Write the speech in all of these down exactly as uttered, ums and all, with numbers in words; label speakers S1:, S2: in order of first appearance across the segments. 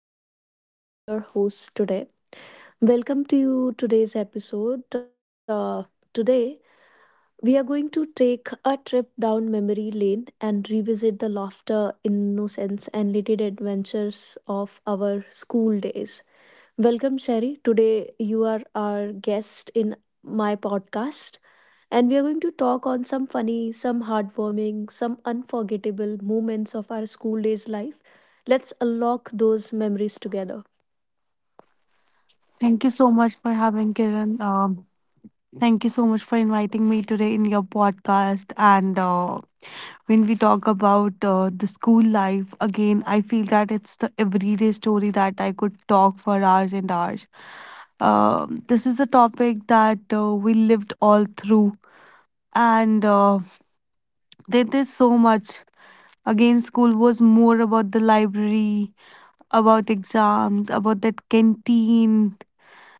S1: Kiran and I am your host today. Welcome to today's episode. Uh, today, we are going to take a trip down memory lane and revisit the laughter, innocence, and little adventures of our school days. Welcome, Sherry. Today, you are our guest in my podcast, and we are going to talk on some funny, some heartwarming, some unforgettable moments of our school days life. Let's unlock those memories together.
S2: Thank you so much for having Kiran. Um, thank you so much for inviting me today in your podcast. And uh, When we talk about uh, the school life, again, I feel that it's the everyday story that I could talk for hours and hours. Um, this is a topic that uh, we lived all through, and uh, there, there's so much. Again, school was more about the library, about exams, about that canteen,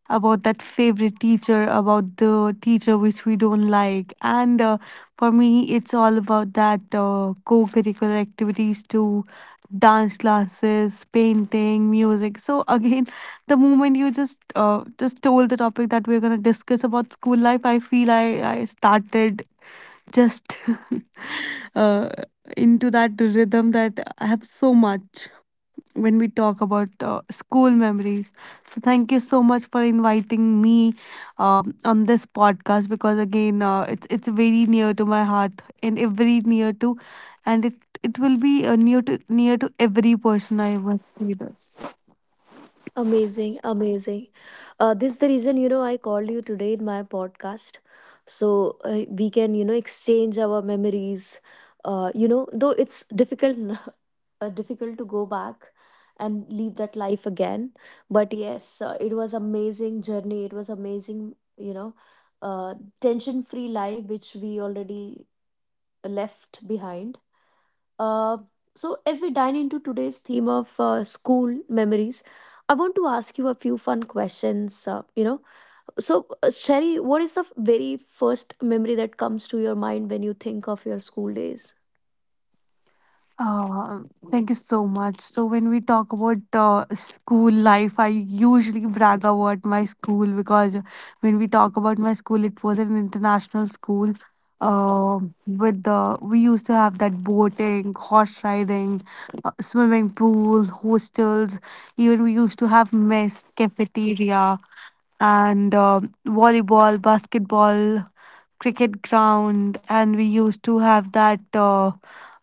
S2: about that favorite teacher, about the teacher which we don't like. And uh, For me, it's all about that uh, co curricular activities too, dance classes, painting, music. So again, the moment you just uh, just told the topic that we're going to discuss about school life, i feel i i started just uh, into that rhythm that I have so much when we talk about uh, school memories. So, thank you so much for inviting me um, on this podcast because again, uh, it's it's very near to my heart and every near to, and it it will be uh, near to near to every person. I must say this.
S1: Amazing, amazing. Uh, this is the reason, you know, I called you today in my podcast, so uh, we can, you know, exchange our memories. Uh, you know, though it's difficult uh, difficult to go back and leave that life again, but yes, uh, it was amazing journey, it was amazing, you know, uh, tension free life which we already left behind, uh, so as we dine into today's theme of uh, school memories, I want to ask you a few fun questions, uh, you know so uh, Sherry, what is the f- very first memory that comes to your mind when you think of your school days?
S2: Uh, Thank you so much. So when we talk about uh, school life, I usually brag about my school because when we talk about my school, it was an international school. Uh, with the We used to have that boating, horse riding, uh, swimming pool, hostels. Even we used to have mess, cafeteria, and uh, volleyball, basketball, cricket ground, and we used to have that. Uh,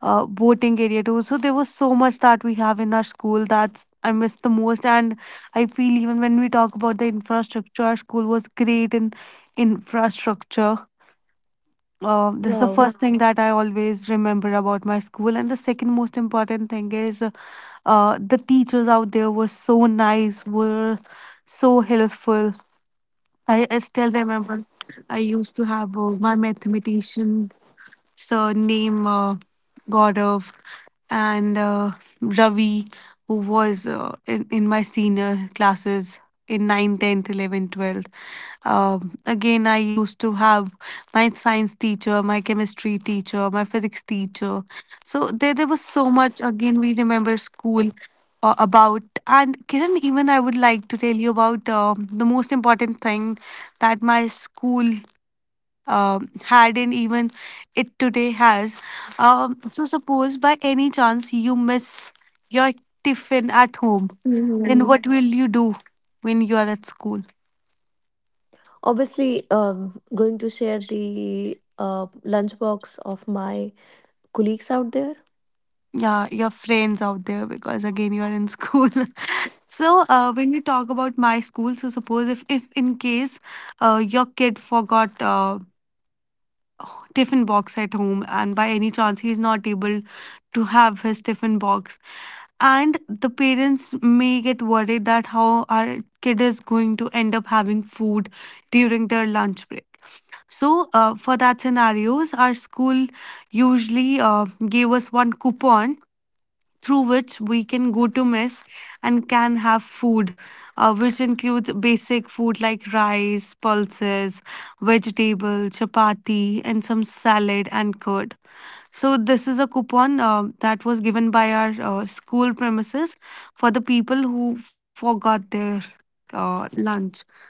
S2: uh, Boating area too. So there was so much that we have in our school that I miss the most. And I feel, even when we talk about the infrastructure, our school was great in infrastructure. Uh, this is the
S1: Wow.
S2: first thing that I always remember about my school. And the second most important thing is uh, uh, the teachers out there were so nice, were so helpful. I, I still remember I used to have uh, my mathematician so name uh, Gaurav and uh, Ravi, who was uh, in, in my senior classes in nine, tenth, eleven, twelfth. Um, again, I used to have my science teacher, my chemistry teacher, my physics teacher. So there, there was so much. Again, we remember school uh, about. And Kiran, even I would like to tell you about um the most important thing that my school um, had and even it today has. Um, so, suppose by any chance you miss your tiffin at home, then
S1: Mhm.
S2: what will you do when you are at school?
S1: Obviously um, going to share the uh, lunchbox of my colleagues out there.
S2: Yeah, your friends out there because again you are in school. so uh, when we talk about my school, so suppose if if in case uh, your kid forgot uh, tiffin box at home and by any chance he's not able to have his tiffin box, and the parents may get worried that how our kid is going to end up having food during their lunch break. So uh, for that scenarios, our school usually uh, gave us one coupon through which we can go to mess and can have food, uh, which includes basic food like rice, pulses, vegetable, chapati, and some salad and curd. So this is a coupon uh, that was given by our uh, school premises for the people who forgot their uh, lunch.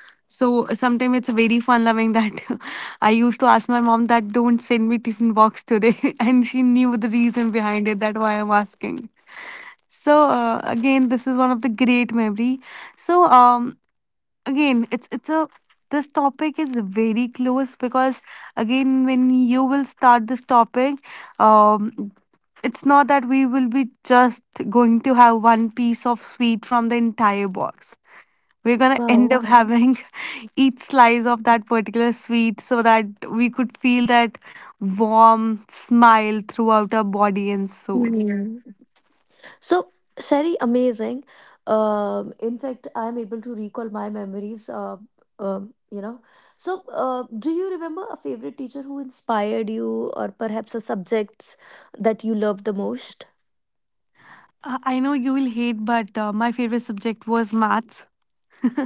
S2: So sometimes it's very fun loving that I used to ask my mom that don't send me tiffin box today, and she knew the reason behind it. That why I'm asking. So uh, again, this is one of the great memory. So um again, it's it's a this topic is very close because again when you will start this topic, um it's not that we will be just going to have one piece of sweet from the entire box, we're going to end
S1: Wow.
S2: up, mhm, having each slice of that particular sweet so that we could feel that warm smile throughout our body and soul.
S1: Mhm. So, Sherry, amazing. Um, in fact, I'm able to recall my memories. Uh, um, you know, so uh, do you remember a favorite teacher who inspired you, or perhaps a subjects that you loved the most?
S2: Uh, I know you will hate, but uh, my favorite subject was maths,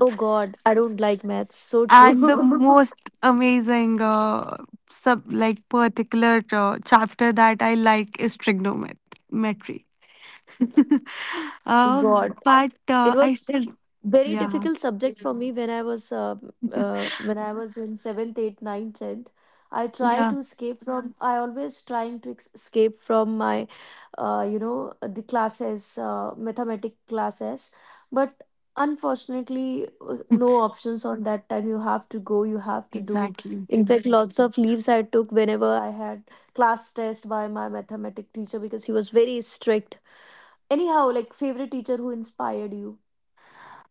S1: Oh God, I don't like maths. So
S2: and the
S1: true.
S2: most amazing uh, sub like particular uh, chapter that I like is trigonometry. uh,
S1: God.
S2: but uh,
S1: It
S2: I
S1: was
S2: still,
S1: very
S2: yeah,
S1: difficult subject for me when I was uh, uh, when I was in seventh, eighth, ninth, tenth. I try
S2: yeah,
S1: to escape from. I always trying to ex- escape from my, uh, you know, the classes, uh, mathematic classes, but unfortunately, uh, no options on that time. You have to go. You have to do.
S2: exactly.
S1: In fact, lots of leaves I took whenever I had class test by my mathematic teacher because he was very strict. Anyhow, like favorite teacher who inspired you.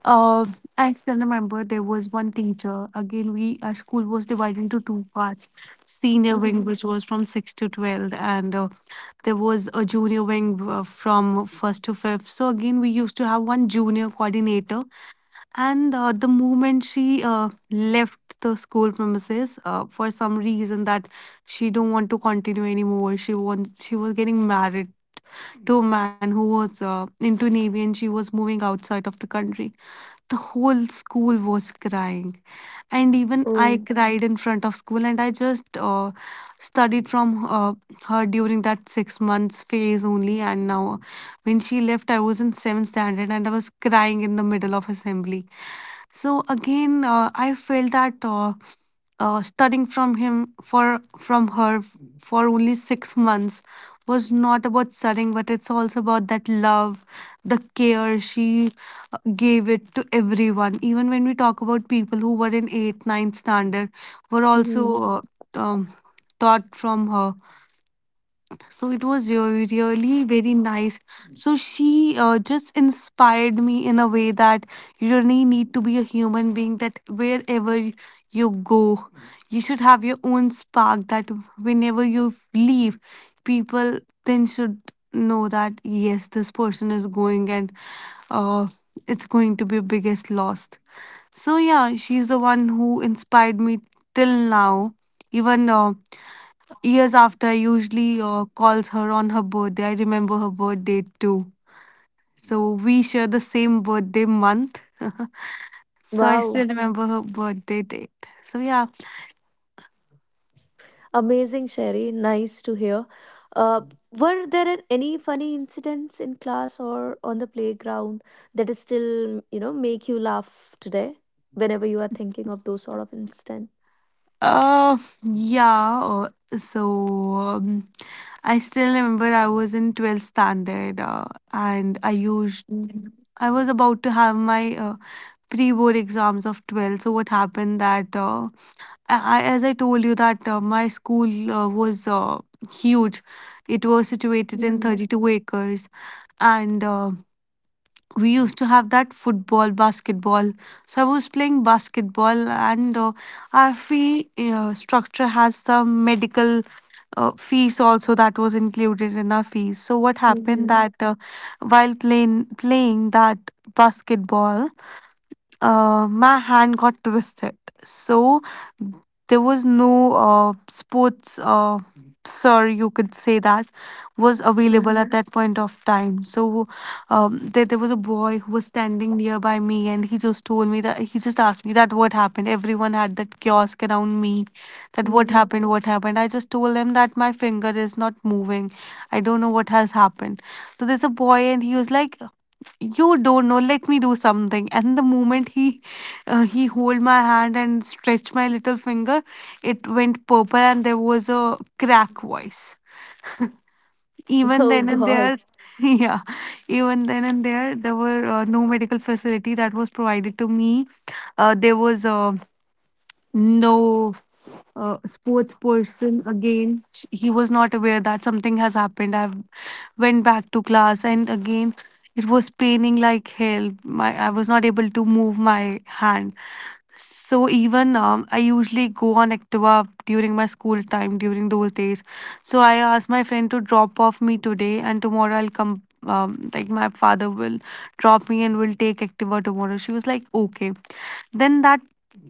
S2: Uh, I still remember there was one teacher. Again, we our school was divided into two parts: senior wing,
S1: Mhm.
S2: which was from six to twelve, and uh, there was a junior wing uh, from first to fifth. So again, we used to have one junior coordinator, and uh, the moment she uh, left the school premises uh, for some reason, that she don't want to continue anymore, she wants she was getting married to a man who was uh, into navy, and she was moving outside of the country, the whole school was crying, and even I
S1: Oh,
S2: cried in front of school. And I just uh, studied from uh, her during that six months phase only. And now, when she left, I was in seventh standard and I was crying in the middle of assembly. So again, uh, I felt that uh, uh, studying from him for from her for only six months was not about studying, but it's also about that love, the care she uh, gave it to everyone. Even when we talk about people who were in eighth, ninth standard, were also
S1: mhm.
S2: uh, um, taught from her. So it was re- really very nice. So she uh, just inspired me in a way that you really need to be a human being, that wherever you go, you should have your own spark, that whenever you leave, people then should know that, yes, this person is going and uh, it's going to be biggest loss. So yeah, she's the one who inspired me till now. Even uh, years after, I usually uh, calls her on her birthday. I remember her birthday too. So we share the same birthday month. So I
S1: Wow.
S2: still remember her birthday date. So yeah.
S1: Amazing, Sherry. Nice to hear. Uh, were there any funny incidents in class or on the playground that still, you know, make you laugh today whenever you are thinking of those sort of instant?
S2: Uh, yeah. Uh, so um, I still remember I was in twelfth standard uh, and I used
S1: Mhm.
S2: I was about to have my uh, pre-board exams of twelve. So what happened that uh, I, I- as I told you that uh, my school uh, was uh, huge. It was situated in
S1: Mhm.
S2: thirty-two acres, and uh, we used to have that football, basketball. So I was playing basketball, and uh, our fee uh, structure has some medical uh, fees also that was included in our fees. So what happened
S1: Mhm.
S2: that uh, while playing playing that basketball, uh, my hand got twisted. So there was no uh, sports, uh, sir, you could say that, was available
S1: Mhm.
S2: at that point of time. So um, there, there was a boy who was standing nearby me and he just told me that, he just asked me that what happened. Everyone had that kiosk around me, that what
S1: Mhm.
S2: happened, what happened. I just told him that my finger is not moving. I don't know what has happened. So there's a boy and he was like, you don't know, let me do something. And the moment he uh, he hold my hand and stretch my little finger, it went purple and there was a crack voice even
S1: Oh
S2: then and
S1: God.
S2: there. Yeah, even then and there there were uh, no medical facility that was provided to me. Uh, there was uh, no uh, sports person. Again, sh- he was not aware that something has happened. I went back to class, and again, it was paining like hell. My I was not able to move my hand. So even um, I usually go on activa during my school time, during those days. So I asked my friend to drop off me today and tomorrow I'll come, um, like my father will drop me and will take activa tomorrow. She was like, okay. Then that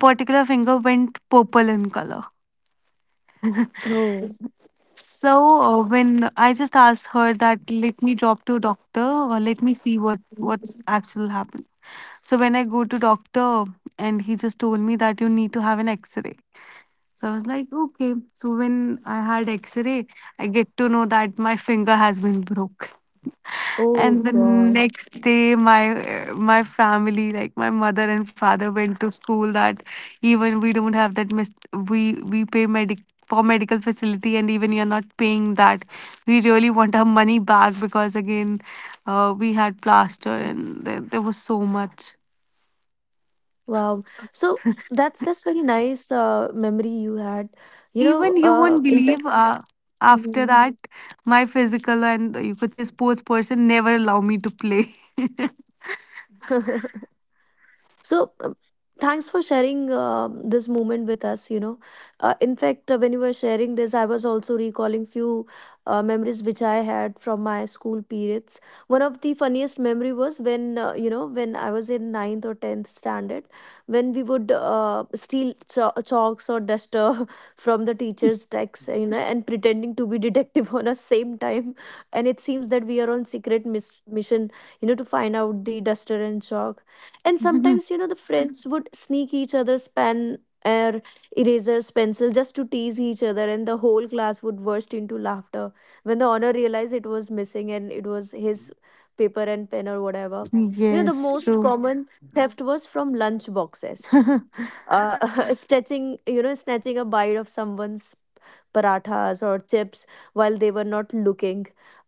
S2: particular finger went purple in color.
S1: No.
S2: So uh, when I just asked her that, let me drop to doctor or let me see what what's actually happened. So when I go to doctor, and he just told me that you need to have an X-ray. So I was like, okay. So when I had X-ray, I get to know that my finger has been broke.
S1: Oh
S2: And the
S1: God.
S2: next day, my uh, my family, like my mother and father, went to school. That even we don't have that. Mis- we we pay medic for medical facility, and even you're not paying that. We really want our money back because again, uh, we had plaster, and there, there was so much.
S1: Wow. So, that's that's very nice uh, memory you had. You know,
S2: Even you
S1: uh,
S2: won't
S1: in
S2: believe. Uh, after
S1: 嗯，
S2: that, my physical, and you could say sports person, never allow me to play.
S1: So, um, thanks for sharing um this moment with us. You know, uh, in fact, uh, when you were sharing this, I was also recalling few uh, memories which I had from my school periods. One of the funniest memory was when, uh, you know, when I was in ninth or tenth standard, when we would uh, steal cho- chalks or duster from the teacher's decks, you know, and pretending to be detective on a same time. And it seems that we are on secret mis- mission, you know, to find out the duster and chalk, and sometimes, you know, the friends would sneak each other's pen or erasers pencil just to tease each other, and the whole class would burst into laughter when the honor realized it was missing and it was his paper and pen or whatever. You know, the
S2: Yes,
S1: most
S2: true.
S1: common theft was from lunch boxes, uh, snatching, you know, snatching a bite of someone's parathas or chips while they were not looking.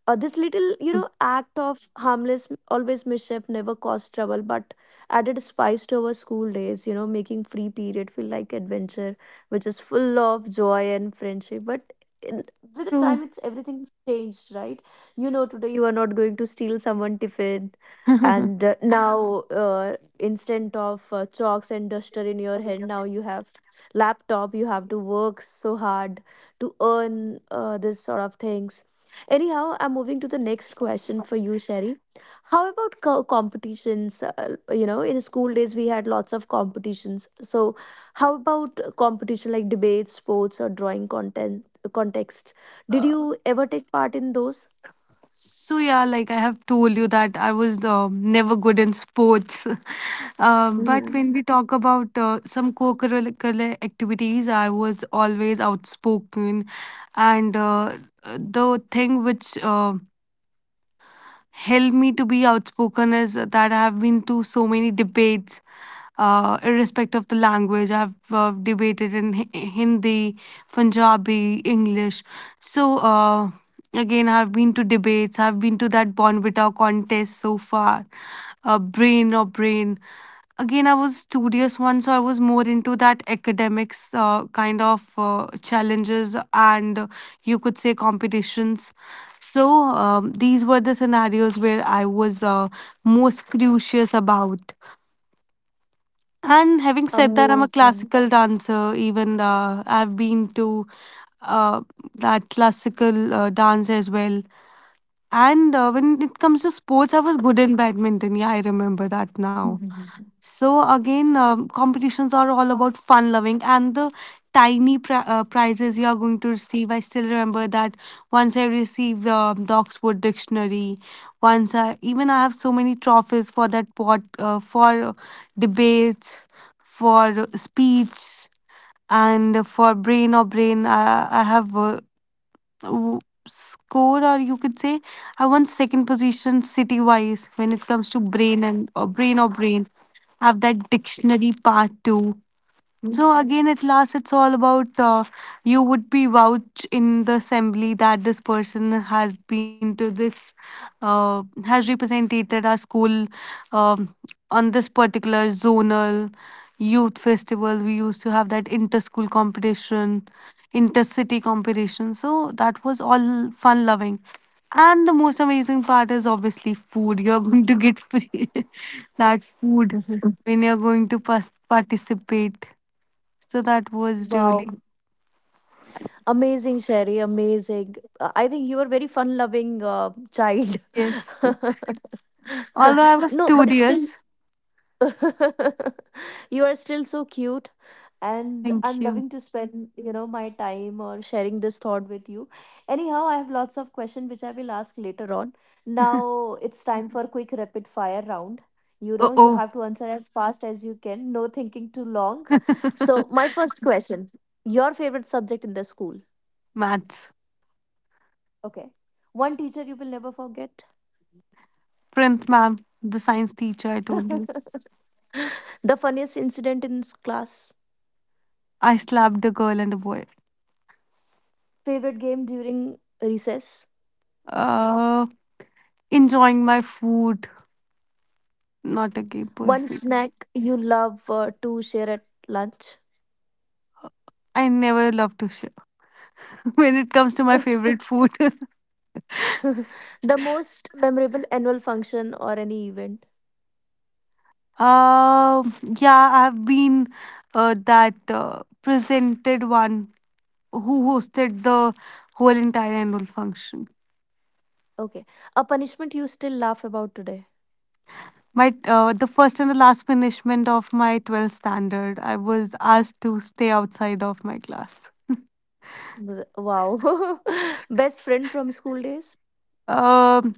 S1: Uh, this little, you know, act of harmless, always mischief never caused trouble, but added spice to our school days, you know, making free period feel like adventure, which is full of joy and friendship. But in, with the
S2: True.
S1: time, it's everything's changed, right? You know, today you are not going to steal someone tiffin, and uh, now uh, instead of uh, chalks and duster in your hand, now you have laptop. You have to work so hard to earn uh, this sort of things. Anyhow, I'm moving to the next question for you, Sherry. How about co- competitions? Uh, you know, in school days, we had lots of competitions. So, how about competition like debates, sports, or drawing content contests? Did
S2: Uh,
S1: you ever take part in those?
S2: so yeah, like I have told you that I was uh, never good in sports. Um, but when we talk about uh, some co-curricular activities, I was always outspoken, and uh, the thing which uh, helped me to be outspoken is that I have been to so many debates, uh, irrespective of the language. I have uh, debated in Hi- Hindi, Punjabi, English. So, uh, again, I have been to debates. I have been to that Bonvita contest so far, uh, brain or brain. Again, I was studious one, so I was more into that academics uh, kind of uh, challenges and uh, you could say competitions. So um, these were the scenarios where I was uh, most curious about. And having said that, I'm a
S1: Amazing.
S2: classical dancer. Even uh, I've been to uh, that classical uh, dance as well. And uh, when it comes to sports, I was good in badminton. Yeah, I remember that now. So again, um, competitions are all about fun loving and the tiny pri- uh, prizes you are going to receive. I still remember that once I received uh, the Oxford Dictionary. Once I even I have so many trophies for that pot uh, for debates, for speech, and for brain or brain. I, I have uh, w- score or you could say I won second position city wise when it comes to brain and or brain or brain. I have that dictionary part too. So
S1: Mm.
S2: again, at last, it's all about uh, you would be vouch in the assembly that this person has been to this, uh, has represented our school um, on this particular zonal youth festival. We used to have that inter-school competition, inter-city competition. So that was all fun-loving. And the most amazing part is obviously food. You're going to get free that food
S1: Mhm.
S2: when you're going to pas- participate. So that was really,
S1: Wow. Amazing, Sherry. Amazing. Uh, I think you are very fun-loving uh, child.
S2: yes. Although I was
S1: No, but it's still
S2: studious.
S1: you are still so cute, and
S2: Thank
S1: I'm
S2: you.
S1: loving to spend, you know, my time or sharing this thought with you. Anyhow, I have lots of questions which I will ask later on. Now it's time for quick rapid fire round. You
S2: Oh,
S1: know, you
S2: oh.
S1: have to answer as fast as you can. No thinking too long. So my first question: Your favorite subject in the school?
S2: Maths.
S1: Okay. One teacher you will never forget.
S2: Printh ma'am, the science teacher, I told you.
S1: The funniest incident in s- class.
S2: I slapped a girl and a boy.
S1: Favorite game during recess.
S2: Uh, Enjoying my food. Not a gay
S1: One
S2: person.
S1: snack you love uh, to share at lunch.
S2: I never love to share when it comes to my favorite food.
S1: The most memorable annual function or any event.
S2: uh, yeah, I've been uh, that uh, presented one who hosted the whole entire annual function.
S1: Okay. A punishment you still laugh about today.
S2: My uh, the first and the last punishment of my twelfth standard, I was asked to stay outside of my class.
S1: Th- Wow. Best friend from school days.
S2: Um,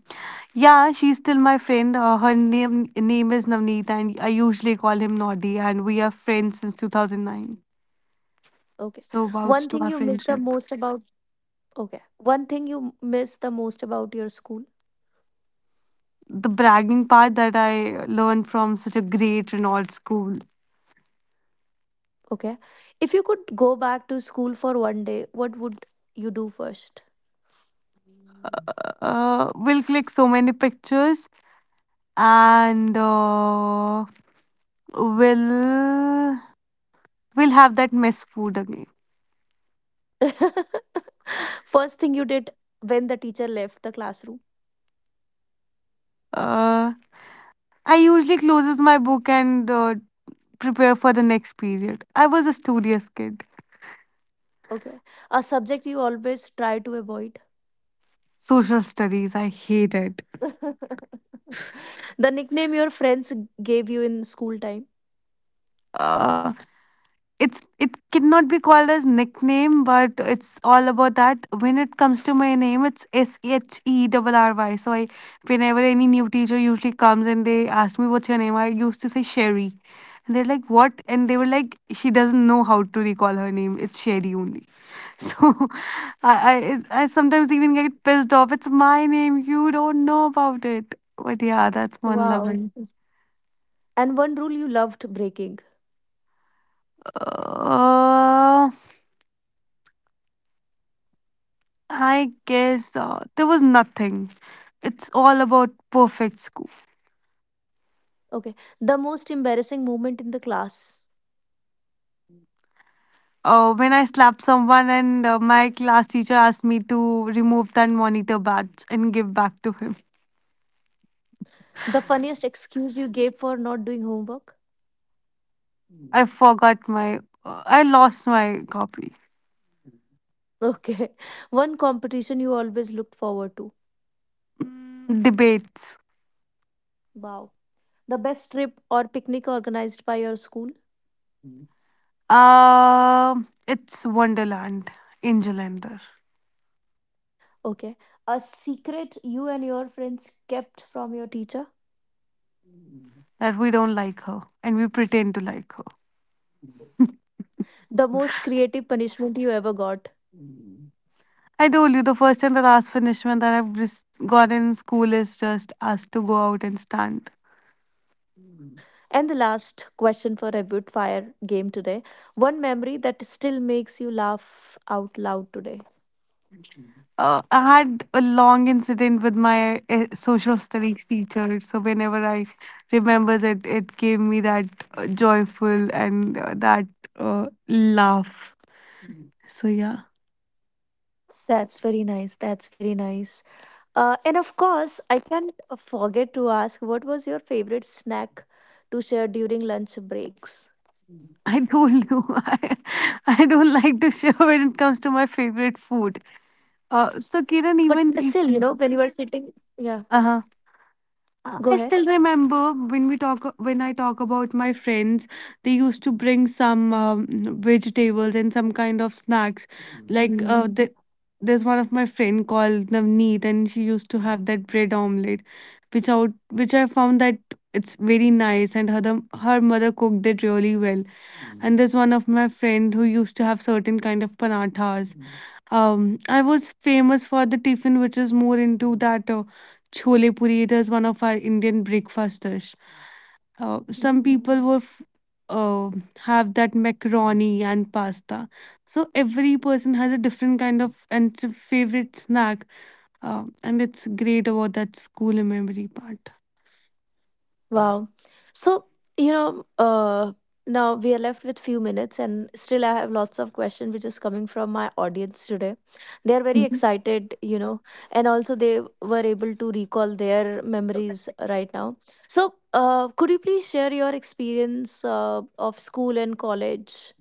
S2: yeah, she's still my friend. Uh, her name name is Navneet, and I usually call him Noddy, and we are friends since two thousand nine.
S1: Okay.
S2: So vouch
S1: One
S2: to
S1: thing
S2: our
S1: you miss the
S2: friendship.
S1: most about. Okay. One thing you miss the most about your school.
S2: The bragging part that I learned from such a great Renault school.
S1: Okay. If you could go back to school for one day, what would you do first?
S2: Uh, we'll click so many pictures, and uh, we'll we'll have that mess food again.
S1: First thing you did when the teacher left the classroom.
S2: Uh, I usually closes my book and uh, prepare for the next period. I was a studious kid.
S1: Okay. A subject you always try to avoid.
S2: Social studies, I hated.
S1: The nickname your friends gave you in school time.
S2: Uh, it's it cannot be called as nickname, but it's all about that. When it comes to my name, it's S H E R R Y. So I, whenever any new teacher usually comes and they ask me what's your name, I used to say Sherry, and they're like what, and they were like she doesn't know how to recall her name. It's Sherry only. So I, I I sometimes even get pissed off. It's my name. You don't know about it. But yeah, that's one
S1: Wow.
S2: loving.
S1: And one rule you loved breaking.
S2: Uh, I guess uh, there was nothing. It's all about perfect school.
S1: Okay. The most embarrassing moment in the class.
S2: Uh, when I slapped someone and uh, my class teacher asked me to remove that monitor badge and give back to him.
S1: The funniest excuse you gave for not doing homework.
S2: I forgot my. Uh, I lost my copy.
S1: Okay. One competition you always looked forward to.
S2: Mm, debates.
S1: Wow. The best trip or picnic organized by your school?
S2: Uh, it's Wonderland in Jalandhar.
S1: Okay. A secret you and your friends kept from your teacher?
S2: That we don't like her and we pretend to like her.
S1: The most creative punishment you ever got?
S2: I told you the first and the last punishment that I've just got in school is just us to go out and stand.
S1: And the last question for a rapid fire game today. One memory that still makes you laugh out loud today.
S2: Uh, I had a long incident with my uh, social studies teacher, so whenever I remembers it, it gave me that uh, joyful and uh, that uh, laugh. So yeah,
S1: That's very nice. That's very nice. Uh, and of course, I can't uh, forget to ask, what was your favorite snack to share during lunch breaks?
S2: I told you I, I don't like to share when it comes to my favorite food. Uh, so
S1: But
S2: Kiran,
S1: still, you
S2: even
S1: know, when
S2: if
S1: you were sitting, yeah,
S2: uh
S1: go ahead.
S2: Uh, I still remember when we talk when I talk about my friends, they used to bring some um, vegetables and some kind of snacks. Mhm. Like uh, Mm. the, there's one of my friend called Navneet, and she used to have that bread omelette, which out which I found that it's very nice, and her the- her mother cooked it really well. Mhm. And there's one of my friend who used to have certain kind of panathas, um, I was famous for the tiffin, which is more into that uh, chole puri. It is one of our Indian breakfast dish. Uh, some
S1: Mhm.
S2: people were f- uh, have that macaroni and pasta. So every person has a different kind of and s- favorite snack, uh, and it's great about that school memory part.
S1: Wow. So, you know, uh, now we are left with few minutes and still I have lots of questions which is coming from my audience today. They are very excited, you know, and also they were able to recall their memories right now. So, uh, could you please share your experience uh, of school and college?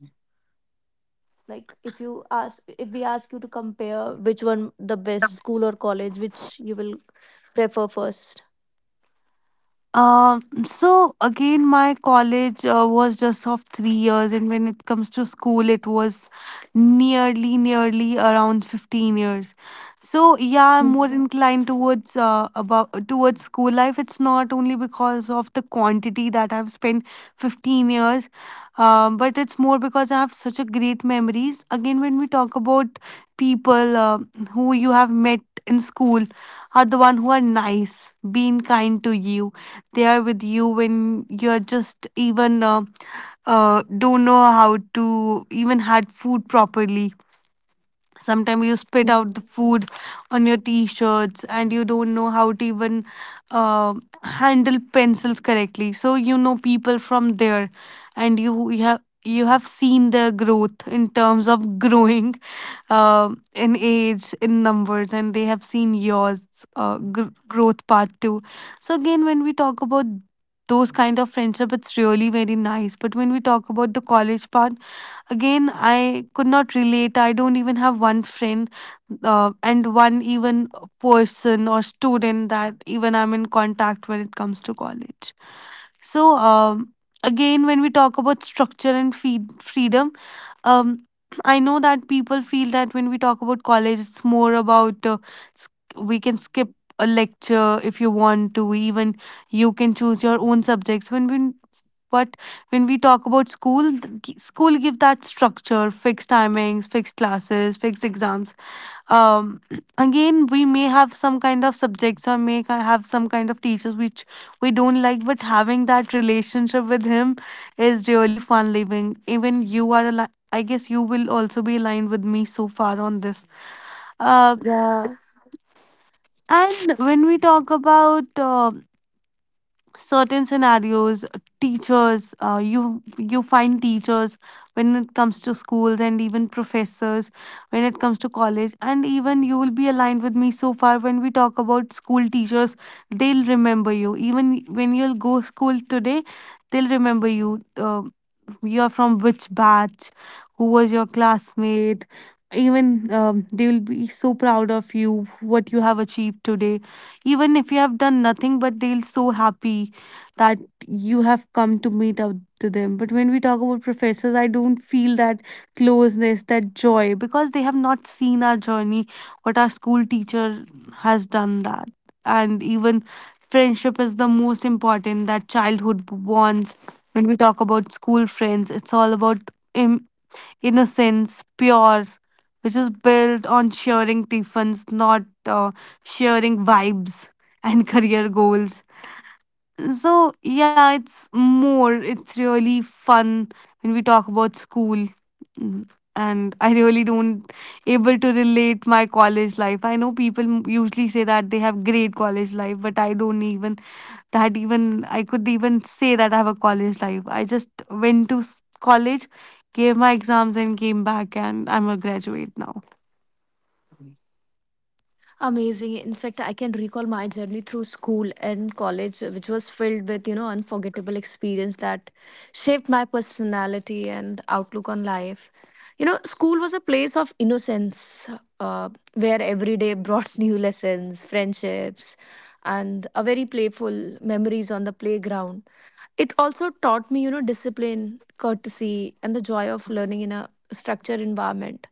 S1: Like if you ask if we ask you to compare which one the best school or college, which you will prefer first?
S2: Um, so again, my college uh, was just of three years, and when it comes to school, it was nearly, nearly around fifteen years. So yeah, I'm more
S1: Mhm.
S2: inclined towards uh, about towards school life. It's not only because of the quantity that I've spent fifteen years, um, but it's more because I have such a great memories. Again, when we talk about people uh, who you have met in school, are the one who are nice, being kind to you, they are with you when you're just even uh, uh, don't know how to even had food properly, sometimes you spit out the
S1: Mhm.
S2: food on your t-shirts and you don't know how to even uh, handle pencils correctly, so you know people from there, and you, you have you have seen their growth in terms of growing uh, in age in numbers, and they have seen yours uh, gr- growth part too. So again, when we talk about those kind of friendship, it's really very nice, but when we talk about the college part, again, I could not relate. I don't even have one friend, uh, and one even person or student that even I'm in contact when it comes to college. So, um, again, when we talk about structure and feed freedom, um, I know that people feel that when we talk about college, it's more about uh, sk- we can skip a lecture if you want to, even you can choose your own subjects. When we but when we talk about school, th- g- school give that structure, fixed timings, fixed classes, fixed exams. Um, Again, we may have some kind of subjects or may ki- have some kind of teachers which we don't like, but having that relationship with him is really fun living. Even you are, ali- I guess you will also be aligned with me so far on this. Uh,
S1: Yeah.
S2: and when we talk about uh, certain scenarios, teachers uh, you you find teachers when it comes to schools, and even professors when it comes to college, and even you will be aligned with me so far when we talk about school teachers, they'll remember you even when you'll go school today. They'll remember you, uh, you're from which batch, who was your classmate. Even um, they will be so proud of you, what you have achieved today. Even if you have done nothing, but they'll so happy that you have come to meet up to them. But when we talk about professors, I don't feel that closeness, that joy, because they have not seen our journey, what our school teacher has done that. And even friendship is the most important, that childhood bonds when we talk about school friends, it's all about im- innocence, pure, which is built on sharing tiffins, not uh, sharing vibes and career goals. So, yeah, it's more, it's really fun when we talk about school. Mm, and I really don't able to relate my college life. I know people m- usually say that they have great college life, but I don't even that even I could even say that I have a college life. I just went to s- college, gave my exams and came back, and I'm a graduate now.
S1: Amazing. In fact, I can recall my journey through school and college, uh, which was filled with, you know, unforgettable experience that shaped my personality and outlook on life. You know, school was a place of innocence, uh, where every day brought new lessons, friendships, and a very playful memories on the playground. It also taught me, you know, discipline, courtesy, and the joy of learning in a structured environment.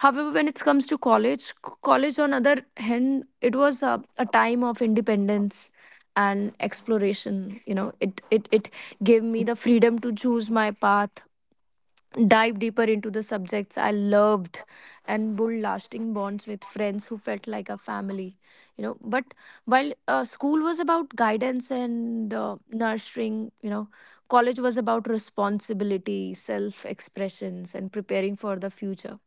S1: However, when it comes to college, c- college on other hand, it was a, a time of independence and exploration. You know, it it it gave me the freedom to choose my path, dive deeper into the subjects I loved, and build lasting bonds with friends who felt like a family. You know, but while uh, school was about guidance and uh, nurturing, you know, college was about responsibility, self expressions, and preparing for the future.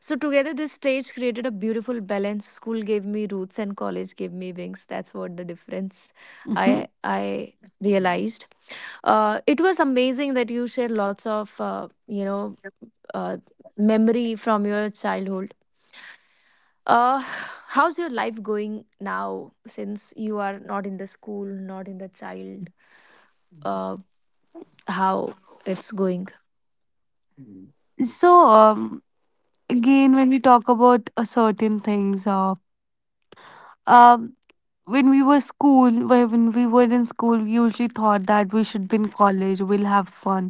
S1: So together, this stage created a beautiful balance. School gave me roots, and college gave me wings. That's what the difference
S2: Mhm.
S1: I I realized. Uh, it was amazing that you shared lots of, uh, you know, uh, memory from your childhood. Uh, how's your life going now since you are not in the school, not in the child? Uh, how it's going?
S2: So um, again when we talk about uh, certain things, uh, um when we were school, when we were in school, we usually thought that we should be in college, we'll have fun,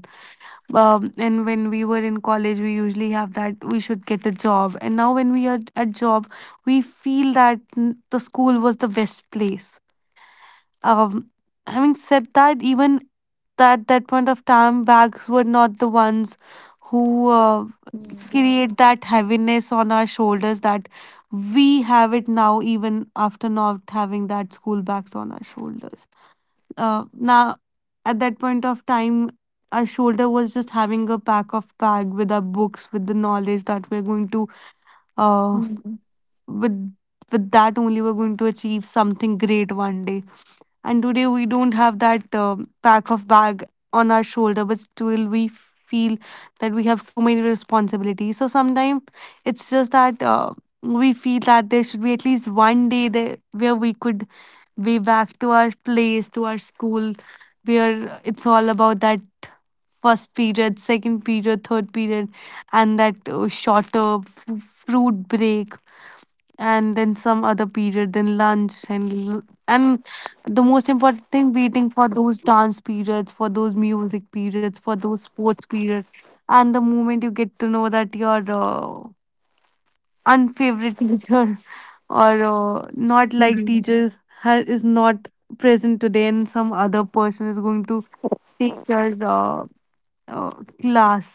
S2: um, and when we were in college, we usually have that we should get a job, and now when we are at job, we feel that mm, the school was the best place. um, Having said that, even at that point of time, bags were not the ones who uh,
S1: Mm.
S2: create that heaviness on our shoulders that we have it now, even after not having that school bags on our shoulders. Uh, now, at that point of time, our shoulder was just having a pack of bag with our books, with the knowledge that we're going to uh,
S1: Mhm.
S2: with with that only we're going to achieve something great one day, and today we don't have that uh, pack of bag on our shoulder, but still we feel that we have so many responsibilities, so sometimes it's just that uh, we feel that there should be at least one day there where we could way back to our place, to our school, where it's all about that first period, second period, third period, and that uh, shorter f- fruit break, and then some other period, then lunch, and l- and the most important thing, waiting for those dance periods, for those music periods, for those sports periods, and the moment you get to know that your uh, unfavorite teacher or uh, not like
S1: Mhm.
S2: teachers ha- is not present today and some other person is going to take your uh, uh, class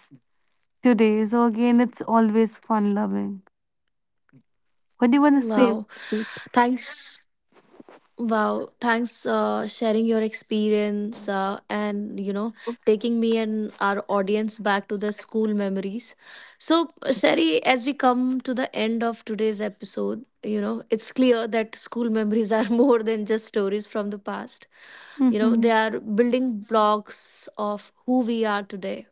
S2: today. So again, it's always fun loving. What do you
S1: Wow.
S2: want to say?
S1: Thanks. Wow, thanks uh, sharing your experience, uh, and you know, taking me and our audience back to the school memories. So, uh, Sherry, as we come to the end of today's episode, you know, it's clear that school memories are more than just stories from the past. You know,
S2: Mm-hmm.
S1: they are building blocks of who we are today,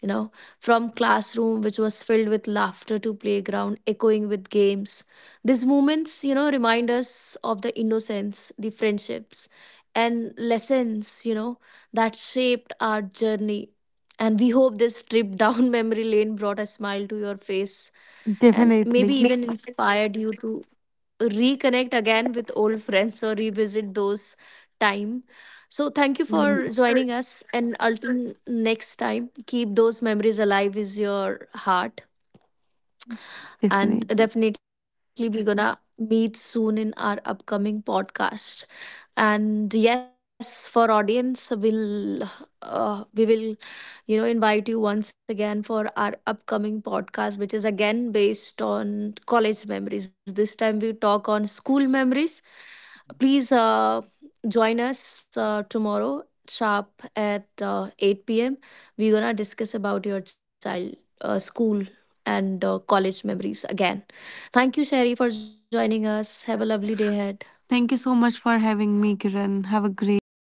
S1: you know, from classroom, which was filled with laughter, to playground, echoing with games. These moments, you know, remind us of the innocence, the friendships, and lessons, you know, that shaped our journey. And we hope this trip down memory lane brought a smile to your face, and
S2: Definitely.
S1: maybe even inspired you to reconnect again with old friends or revisit those time. So thank you
S2: Mm,
S1: for joining us, and until next time, keep those memories alive with your heart, and
S2: definitely.
S1: definitely we're gonna meet soon in our upcoming podcast. And yes, for audience, we'll uh, we will, you know, invite you once again for our upcoming podcast which is again based on college memories. This time we talk on school memories. Please uh, join us uh, tomorrow sharp at uh, eight p m p.m. We're gonna discuss about your child uh, school and uh, college memories again. Thank you Sherry for joining us. Have a lovely day ahead.
S2: Thank you so much for having me, Kiran. Have a great day.